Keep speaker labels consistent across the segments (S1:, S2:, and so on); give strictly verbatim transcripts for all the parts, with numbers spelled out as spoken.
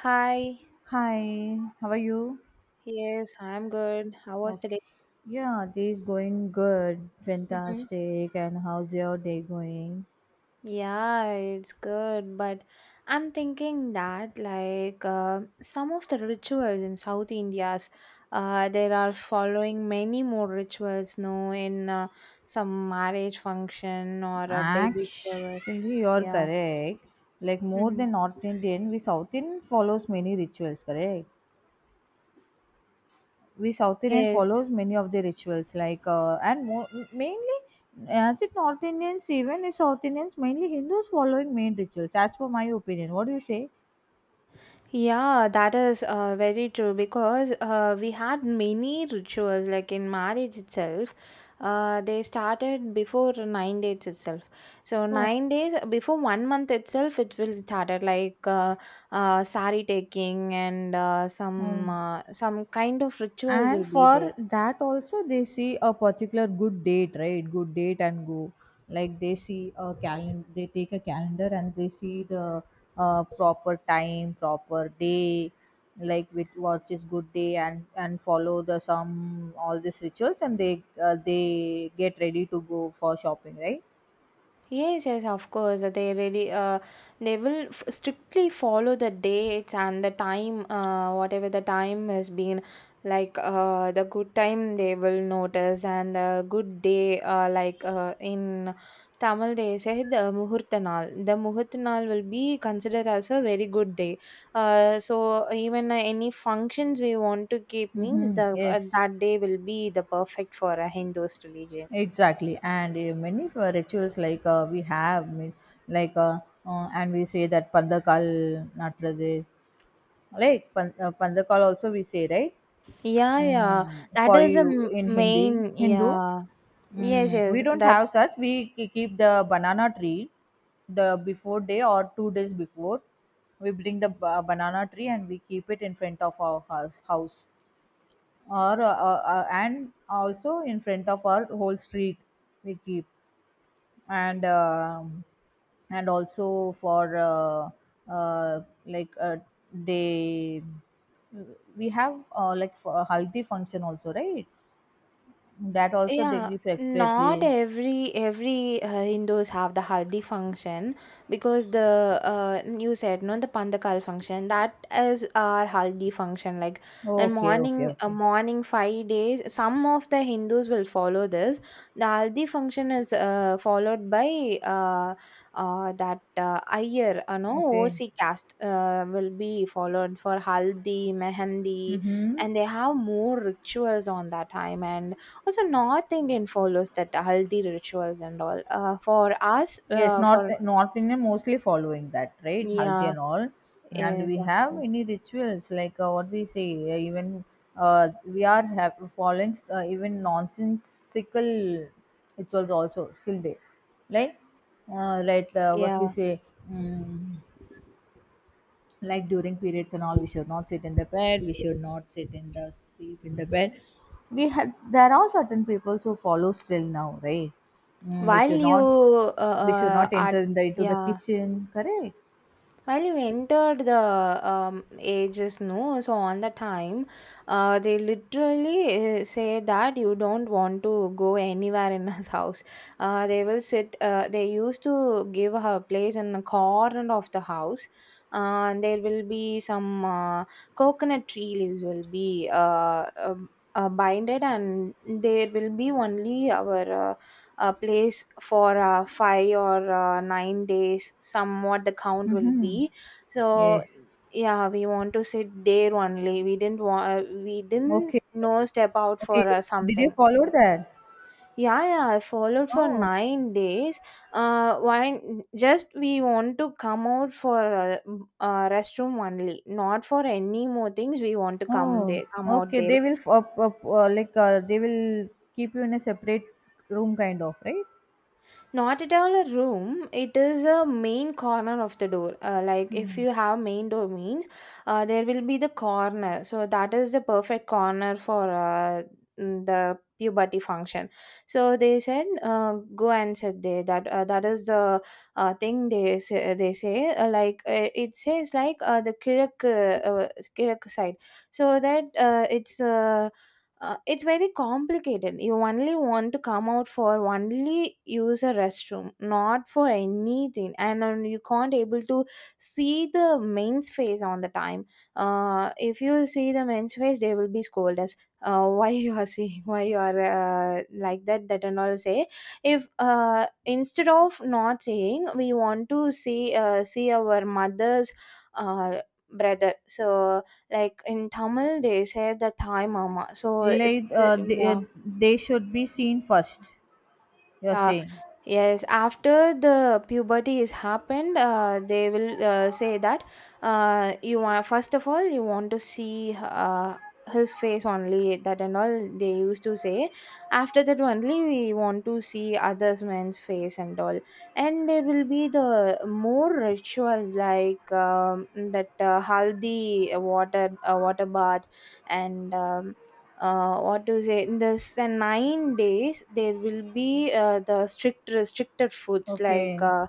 S1: Hi.
S2: Hi, how are you?
S1: Yes, I'm good. How was the
S2: Okay.
S1: day?
S2: Yeah, day's going good,
S1: Hmm.
S2: fantastic. And how's your day going?
S1: Yeah, it's good, but I'm thinking that like uh, some of the rituals in South India's, uh, there are following many more rituals, no, in uh, some marriage function or a baby shower.
S2: Actually, you're
S1: Yeah.
S2: correct. Like more
S1: Mhm.
S2: than North Indian, we South Indian follows many rituals, correct? We South Indian
S1: Yes.
S2: follows many of the rituals, like uh, and more, mainly as it North Indians, even if South Indians, mainly Hindus following main rituals. As per my opinion, what do you say?
S1: Yeah, that is uh, very true because uh, we had many rituals like in marriage itself. Uh, they started before nine days itself. So nine days before one month itself, it will started like uh, uh, sari taking and uh,
S2: Oh,
S1: some uh, some kind of rituals will
S2: and
S1: be there.
S2: for that also they see a particular good date, right? Good date and go, like they see a calendar, they take a calendar and they see the uh, proper time, proper day, like with what is good day, and and follow the some all these rituals, and they uh, they get ready to go for shopping, right?
S1: Yes, yes, of course. uh, They really, uh, they will f- strictly follow the dates and the time, uh, whatever the time has been. Like uh, the good time, they will notice, and the good day, uh, like uh, in Tamil, they said the Muhurtanal. The Muhurtanal will be considered as a very good day. Uh, so even uh, Any functions we want to keep means
S2: Mm-hmm.
S1: the uh,
S2: Yes,
S1: that day will be the perfect for a Hindu's religion.
S2: exactly. And uh, many of our rituals like uh, we have, mean- like uh, uh, and we say that Pandakal Natrade. Like pan, uh, pandakal also we say, right?
S1: Yeah, yeah.
S2: Mm,
S1: That
S2: for
S1: is a
S2: you
S1: m-
S2: in Hindi
S1: main.
S2: Hindu.
S1: Yeah. Yes,
S2: Mm, we
S1: yes.
S2: don't
S1: That.
S2: have such. We ke- keep the banana tree the before day or two days before. We bring the ba- banana tree and we keep it in front of our house, house or uh, uh, uh, and also in front of our whole street. We keep, and um and also for uh, uh, like uh, they we have, uh, like for a haldi function also, right? That also they
S1: Yeah,
S2: give
S1: not
S2: separately.
S1: every every uh, Hindus have the haldi function because the uh, you said no, the pandakal function, that is our haldi function. Like and
S2: Okay, okay,
S1: morning, uh,
S2: okay,
S1: morning five days, some of the Hindus will follow this. The haldi function is uh, followed by uh, uh, that uh, Iyer, uh, no
S2: okay.
S1: O C caste uh, will be followed for haldi mehendi,
S2: Mm-hmm.
S1: and they have more rituals on that time. And also north indian follows that haldi rituals and all, uh, for us
S2: Yes,
S1: uh,
S2: North
S1: for,
S2: North Indian mostly following that, right? Haldi
S1: yeah,
S2: and all, and
S1: yes,
S2: we
S1: of
S2: have
S1: course,
S2: many rituals like uh, what we say. Uh, even uh, we are have following uh, even nonsensical rituals also still there, right? Uh, right, uh, what we
S1: yeah.
S2: say. Mm, like during periods and all, we should not sit in the bed, we should not sit in the sleep in the bed. We had, there are certain people who follow still now, right? Mm, we
S1: While
S2: should
S1: you,
S2: not,
S1: uh,
S2: we should
S1: uh,
S2: not
S1: are,
S2: enter in the, into the
S1: yeah.
S2: kitchen, correct?
S1: While you entered the um, ages, no, so on the time, uh, they literally uh, say that you don't want to go anywhere in his house. Uh, they will sit, uh, they used to give her place in the corner of the house. Uh, and there will be some uh, coconut tree leaves will be uh, um, uh, binded, and there will be only our uh, a place for uh, five or uh, nine days, somewhat the count will
S2: Mm-hmm.
S1: be. So,
S2: Yes.
S1: yeah, we want to sit there only, we didn't want, we didn't
S2: Okay.
S1: know step out
S2: Okay.
S1: for uh,
S2: Did you
S1: something.
S2: follow that?
S1: Yeah, yeah, I followed for
S2: Oh.
S1: nine days. Uh why? Just we want to come out for uh, m- uh, restroom only, not for any more things we want to come
S2: Oh,
S1: there, come out
S2: okay. They
S1: there.
S2: will f- uh, uh, uh, like uh, they will keep you in a separate room kind of, right?
S1: Not at all a room. It is a main corner of the door. Uh, like if you have main door means, uh, there will be the corner. So that is the perfect corner for uh, mm, the puberty function. So they said, uh, go and sit there. That uh, that is the uh, thing they say. They say uh, like uh, it says like uh, the Kirak uh, uh, Kirak side. So that uh, It's. Uh, uh, it's very complicated. You only want to come out for, only use a restroom, not for anything. And um, you can't able to see the men's face on the time. Uh, if you see the men's face, they will be scold us. Uh, why you are seeing, why you are uh, like that, that and all say. If uh, instead of not saying, we want to see, uh, see our mother's uh, brother. So, like in Tamil, they say the Thai mama. So it,
S2: like uh, they, uh,
S1: yeah.
S2: they should be seen first, you're
S1: Yeah,
S2: saying.
S1: yes. After the puberty is happened, uh, they will uh, say that uh, you want, first of all you want to see uh, his face only. That and all they used to say. After that only we want to see others men's face and all. And there will be the more rituals like um, that uh, haldi uh, water uh, water bath. And um, uh, what to say, in this uh, nine days there will be uh, the strict restricted foods like
S2: Okay.
S1: uh,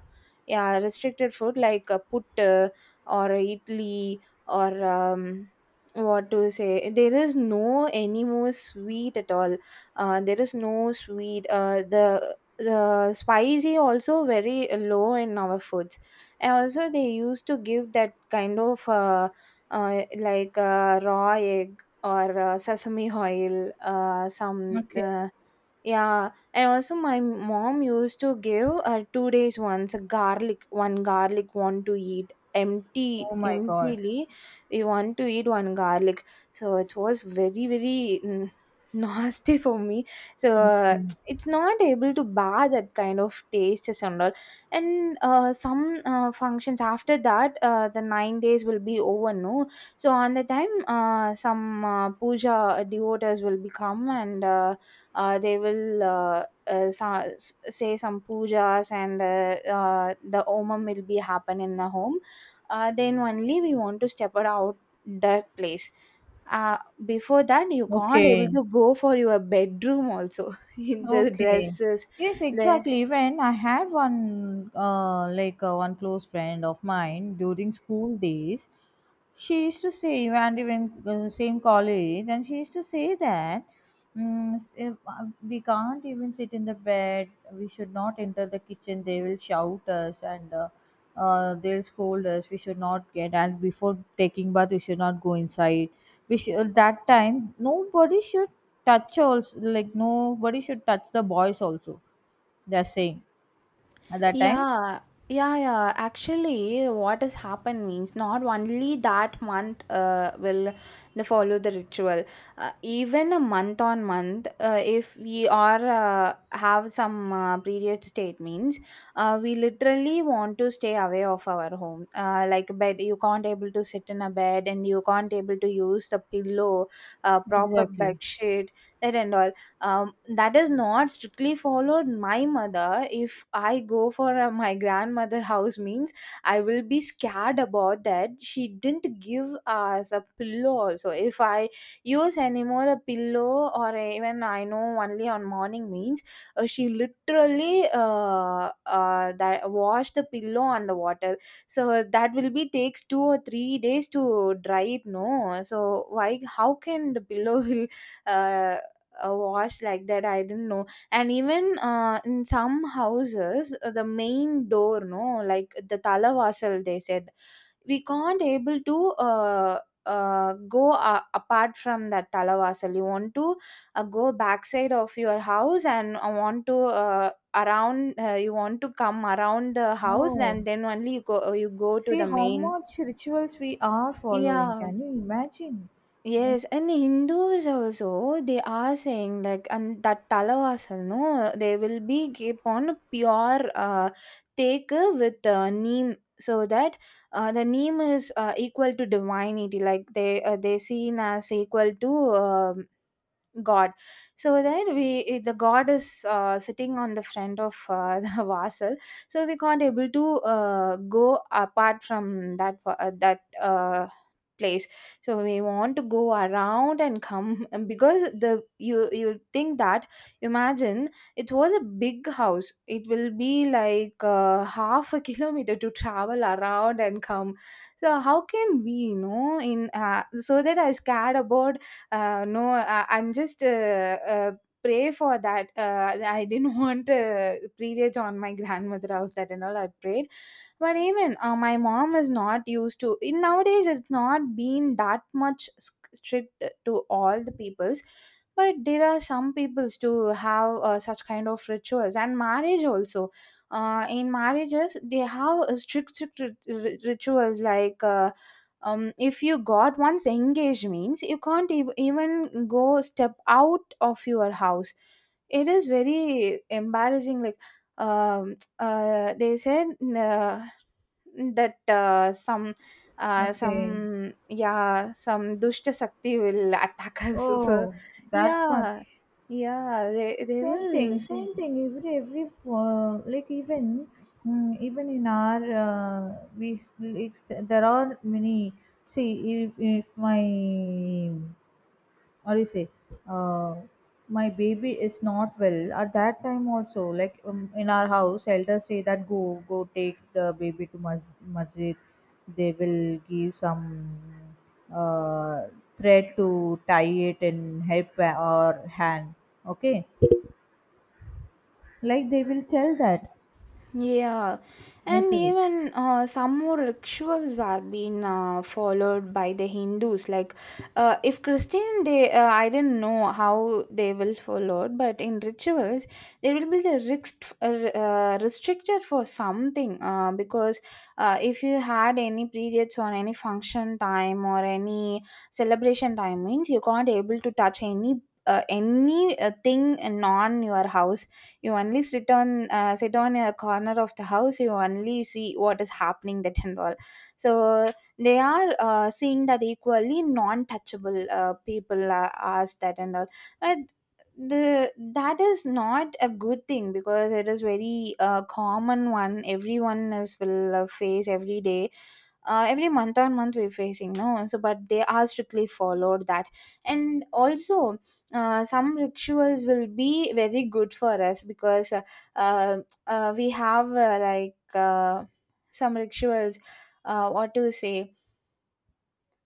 S1: yeah, restricted food like uh, puttu or idli or um, what to say, there is no any more sweet at all. Uh, there is no sweet. Uh, the the spicy also very low in our foods. And also they used to give that kind of uh, uh, like uh, raw egg or uh, sesame oil, uh, some
S2: Okay.
S1: uh, yeah. And also my mom used to give uh, two days once a garlic, one garlic want to eat empty
S2: Oh my God.
S1: emptily. We want to eat one garlic, so it was very very mm, nasty for me. So uh,
S2: Okay.
S1: it's not able to bear that kind of taste and all. And uh, some uh, functions after that, uh, the nine days will be over, no. So on the time, uh, some uh, puja devotees will become. And uh, uh, they will uh, uh, sa- s- say some pujas. And uh, uh, the omam will be happen in the home. Uh, then only we want to step it out that place. uh, Before that, you can't able
S2: Okay.
S1: to go for your bedroom also in the
S2: Okay.
S1: dresses.
S2: Yes,
S1: The.
S2: exactly. When I had one, uh, like uh, one close friend of mine during school days, she used to say, and even the same college, and she used to say that, mm, s- if, uh, we can't even sit in the bed, we should not enter the kitchen, they will shout us, and uh, uh, they'll scold us, we should not get, and before taking bath we should not go inside. We should, uh, that time nobody should touch also, like nobody should touch the boys also, they're saying, at that time,
S1: Yeah, yeah, yeah. Actually, what has happened means not only that month uh, will they follow the ritual. Uh, even a month on month, uh, if we are uh, have some uh, period state means, uh, we literally want to stay away of our home. Uh, like bed, you can't able to sit in a bed, and you can't able to use the pillow, uh, proper bed
S2: exactly.
S1: sheet, that and all. Um, that is not strictly followed my mother. If I go for a, my grandmother house means, I will be scared about that. She didn't give us a pillow also. If I use anymore a pillow, or even I know only on morning means, uh, she literally uh, uh, that wash the pillow on the water. So that will be takes two or three days to dry it, no. So why, how can the pillow will uh, uh, washed like that, I didn't know. And even uh, in some houses uh, the main door, no, like the talavasal, they said we can't able to uh, uh, go uh, apart from that talavasal. You want to uh, go backside of your house, and uh, want to uh, around uh, you want to come around the house,
S2: Oh,
S1: and then only you go, uh, you go to
S2: see
S1: the
S2: how
S1: main,
S2: much rituals we are following.
S1: yeah.
S2: Can you imagine? Like,
S1: Yes, and Hindus also they are saying like, and that talavasal, no, they will be keep on pure, uh take with uh, neem, so that uh, the neem is uh, equal to divinity. Like they uh, they seen as equal to uh, god. So then we eh, the god is uh, sitting on the front of uh, the vassal. So we can't able to uh, go apart from that va- uh, that uh, place. So we want to go around and come. And because the, you you think that, imagine, it was a big house, it will be like uh, half a kilometer to travel around and come. So how can we, you know, in uh, so that I scared about, uh, no, I, I'm just uh, uh, pray for that, uh, I didn't want uh, privilege on my grandmother house, that and all I prayed. But even uh, my mom is not used to. In nowadays it's not been that much sc- strict to all the peoples, but there are some peoples to have uh, such kind of rituals. And marriage also, uh, in marriages they have uh, strict, strict rit- rit- rituals like uh, um, if you got once engaged means, you can't ev- even go step out of your house. It is very embarrassing. Like um, uh, they said uh, that uh, some uh,
S2: okay.
S1: some, yeah, some dushta sakti will attack us so,
S2: Oh, that
S1: yeah,
S2: much.
S1: yeah, they, they
S2: Same thing,
S1: will
S2: same
S1: say.
S2: thing. Every every uh, like even, mm, even in our uh, we like, s- it's, there are many. See, if, if my, or you say, uh, my baby is not well at that time also, like um, in our house elders say that, go go take the baby to mas- masjid, they will give some uh, thread to tie it in head pa- or hand. Okay, like they will tell that
S1: Yeah, and
S2: literally,
S1: even uh, some more rituals were being uh, followed by the Hindus. Like, uh, if Christian, they uh, I don't know how they will follow, it, but in rituals, there will be the risk uh, uh, restricted for something. Uh, because uh, if you had any periods on any function time or any celebration time means, you can't able to touch any. Uh, any uh, thing non your house, you only sit on, uh, sit on a corner of the house. You only see what is happening, that and all. So they are uh, seeing that equally non-touchable uh, people are asked, that and all. But the that is not a good thing, because it is very uh, common one, everyone is will uh, face every day. Uh, every month on month we're facing, no. So but they are strictly followed that. And also uh, some rituals will be very good for us, because uh, uh, uh, we have uh, like uh, some rituals, uh, what to say.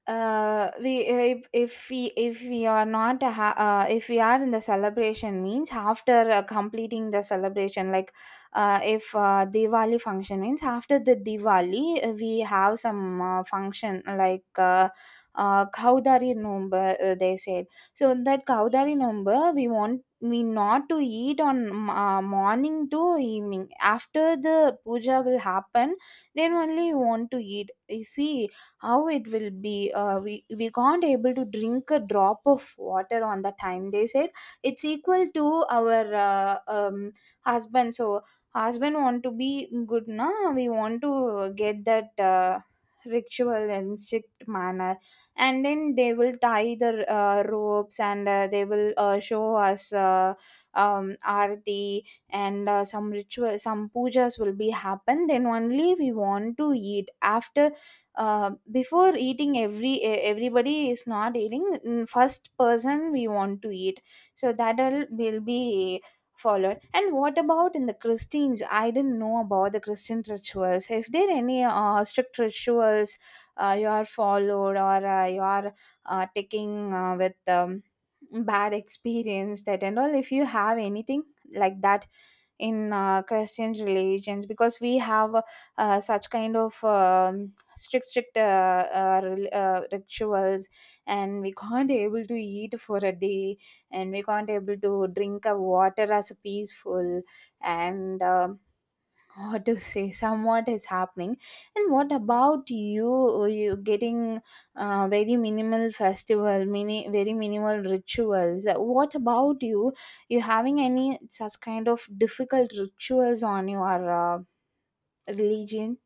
S1: uh We, if if we if we are not ha- uh, if we are in the celebration means, after uh, completing the celebration, like uh, if uh, diwali function means, after the diwali uh, we have some uh, function like uh, uh kaudari number, uh, they said. So in that kaudari number, we want we not to eat on um, uh, morning to evening after the puja will happen, then only you want to eat. You see how it will be. uh, we we can't able to drink a drop of water on the time, they said. It's equal to our uh, um, husband. So husband want to be good, na. We want to get that uh, ritual and strict manner. And then they will tie the uh, ropes, and uh, they will uh, show us uh, um, arati. And uh, some ritual, some pujas will be happen, then only we want to eat. After uh, before eating, every e- everybody is not eating. Mm, first person we want to eat. So that all will be followed. And what about in the christians? I didn't know about the christian rituals. If there any uh, strict rituals uh, you are followed, or uh, you are uh, taking uh, with um, bad experience, that and all, if you have anything like that in uh, christians religions. Because we have uh, such kind of um, strict strict uh, uh, uh, rituals, and we can't able to eat for a day, and we can't able to drink a water as a peaceful. And um what to say, somewhat is happening. And what about you? You getting uh, very minimal festival, mini very minimal rituals. What about you? You having any such kind of difficult rituals on your uh, religion?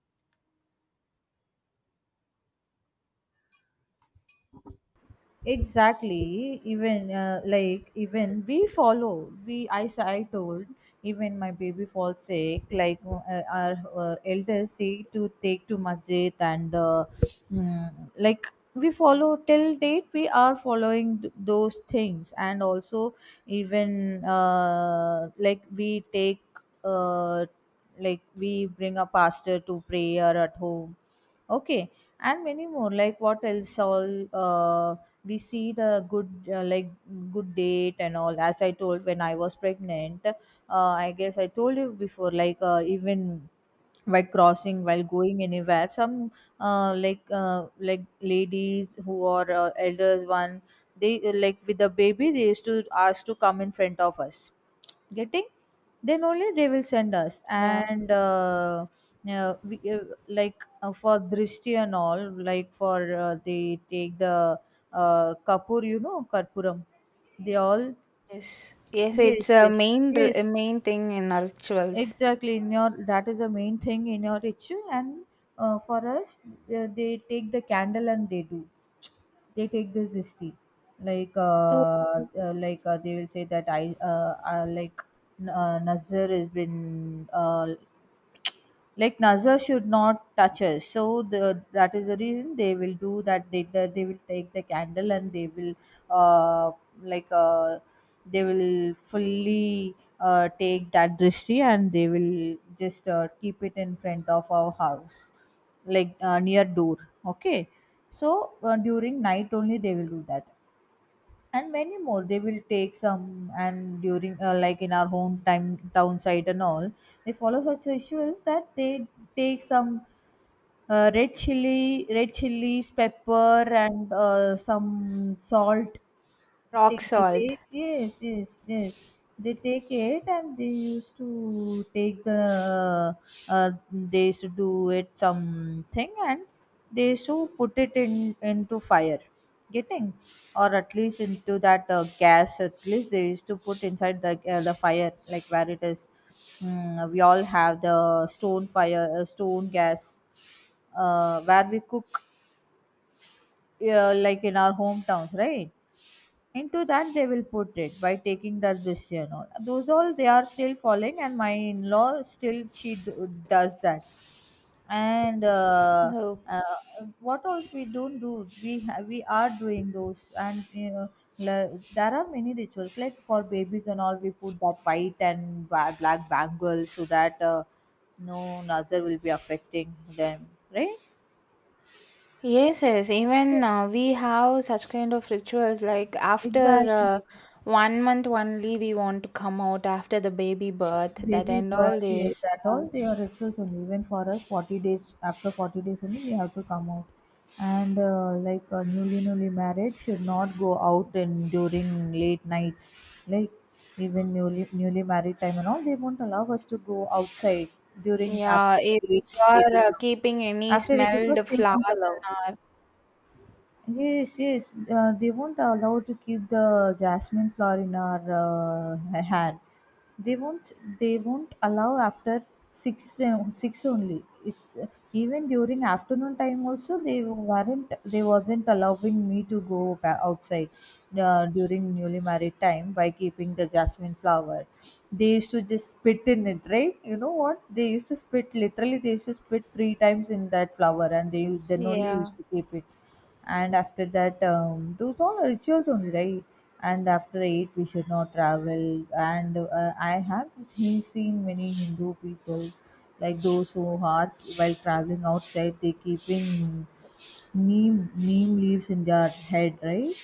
S2: exactly. Even uh, like even we follow, we I s- I told, even my baby falls sick, like uh, our uh, elders say to take to masjid, and uh, mm, like we follow till date, we are following th- those things. And also even uh, like we take, uh, like we bring a pastor to prayer at home. Okay, and many more. Like what else? All, uh, we see the good, uh, like good date and all. As I told, when I was pregnant, uh, I guess I told you before. Like, uh, even while crossing, while going anywhere, some uh, like uh, like ladies who are uh, elders one, they uh, like with the baby, they used to ask to come in front of us, getting, then only they will send us.
S1: Yeah.
S2: And uh, uh, we, uh, like uh, for drishti and all, like for uh, they take the uh, kapur, you know, karpuram, they all.
S1: Yes, yes, it's
S2: Yes,
S1: a
S2: yes,
S1: main r- a
S2: yes.
S1: main thing in our rituals.
S2: Exactly, in your, that is the main thing in your ritual. And uh, for us, uh, they take the candle, and they do, they take this dishti. like
S1: Oh,
S2: uh, uh, like uh, they will say that, i uh, uh, like n- uh, nazar has been, uh, like nazar should not touch us. So the, that is the reason they will do that. They, the, they will take the candle, and they will uh, like uh, they will fully uh, take that drishti, and they will just uh, keep it in front of our house, like uh, near door. Okay, so uh, during night only they will do that. And many more, they will take some, and during uh, like in our home time, town site and all, they follow such rituals that they take some uh, red chili, red chilies, pepper, and uh, some salt. They,
S1: rock
S2: they
S1: salt.
S2: take, yes, yes, yes. They take it, and they used to take the, Uh, they used to do it something, and they used to put it in into fire, getting, or at least into that uh, gas. At least they used to put inside the uh, the fire, like where it is. Mm, we all have the stone fire, uh, stone gas, uh, where we cook, uh, like in our hometowns, right? Into that they will put it by taking that this year and all. Those all they are still following, and my in-law still she d- does that. And uh,
S1: Oh,
S2: uh, what else we don't do, we ha- we are doing those. And you know, la- there are many rituals like for babies and all. We put that white and ba- black bangles so that uh, no nazar will be affecting them, right?
S1: yes, yes. Even
S2: Yes.
S1: uh, we have such kind of rituals. Like after
S2: Exactly.
S1: uh, one month only, we want to come out after the baby birth. That
S2: Baby
S1: and all
S2: birth,
S1: they.
S2: yes, that all
S1: Um,
S2: they are rituals only. Even for us, forty days, after forty days only, we have to come out. And uh, like uh, newly, newly married should not go out, and during late nights. Like even newly, newly married time and all, they won't allow us to go outside during
S1: yeah,
S2: after
S1: if you
S2: eight, eight
S1: are uh,
S2: o'clock.
S1: keeping any
S2: After eight o'clock,
S1: smelled
S2: they won't
S1: flowers in
S2: allow.
S1: our,
S2: Yes, yes. Uh, they won't allow to keep the jasmine flower in our uh, hair. They won't. They won't allow after six uh, six only. It's uh, even during afternoon time also they weren't. They wasn't allowing me to go ba- outside uh, during newly married time by keeping the jasmine flower. They used to just spit in it, right? You know what? They used to spit literally. They used to spit three times in that flower, and they then only
S1: yeah.
S2: used to keep it. And after that, um, those all are rituals only, right? And after eight we should not travel. And uh, I have seen seen many Hindu peoples, like those who are while traveling outside, they keeping neem neem leaves in their head, right?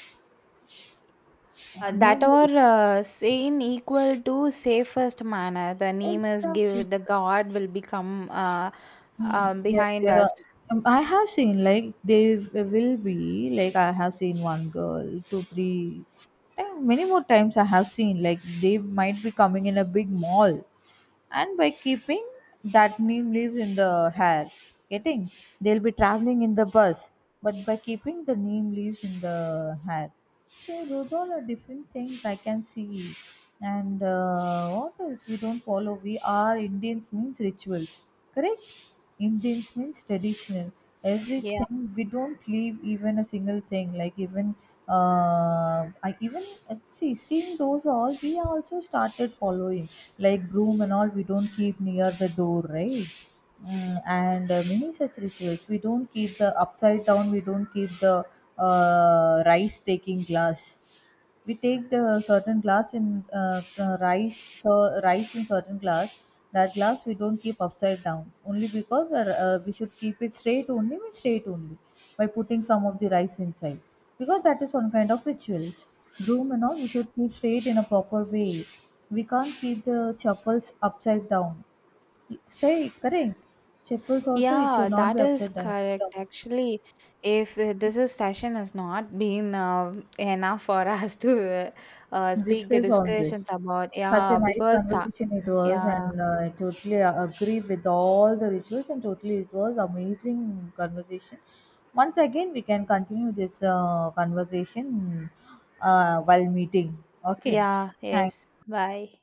S1: Uh, that
S2: Neem
S1: or
S2: leaves,
S1: uh, say in equal to safest manner. The name is
S2: exactly.
S1: give, the God will become uh, um,
S2: Yeah,
S1: behind
S2: there are,
S1: us.
S2: um, I have seen, like they w- will be like, I have seen one girl, two, three, eh, many more times I have seen, like they might be coming in a big mall, and by keeping that name leaves in the hair, getting, they'll be traveling in the bus, but by keeping the name leaves in the hair. So those all are different things I can see. And uh, what else we don't follow? We are Indians means rituals, correct? Indians means traditional.
S1: Yeah,
S2: Everything we don't leave even a single thing. Like even uh, I even uh, see, seeing those all, we also started following. Like broom and all we don't keep near the door, right? Mm, and uh, many such rituals. We don't keep the upside down, we don't keep the uh, rice taking glass. We take the certain glass in uh, uh, rice, so rice in certain glass. That glass we don't keep upside down only, because uh, uh, we should keep it straight only, with straight only by putting some of the rice inside, because that is one kind of rituals. Broom and all we should keep straight in a proper way. We can't keep the chapels upside down. Say, correct. Chapels also, it should
S1: yeah,
S2: not be
S1: that is
S2: upside down.
S1: correct. Actually, if uh, this is session has not been uh, enough for us to uh, uh, speak the
S2: Discuss all this.
S1: discussions about,
S2: Such a
S1: yeah,
S2: nice
S1: because uh,
S2: conversation it was,
S1: yeah,
S2: and uh, I totally agree with all the rituals, and totally it was amazing conversation. Once again, we can continue this uh, conversation uh, while meeting. Okay,
S1: yeah,
S2: thank
S1: yes, bye.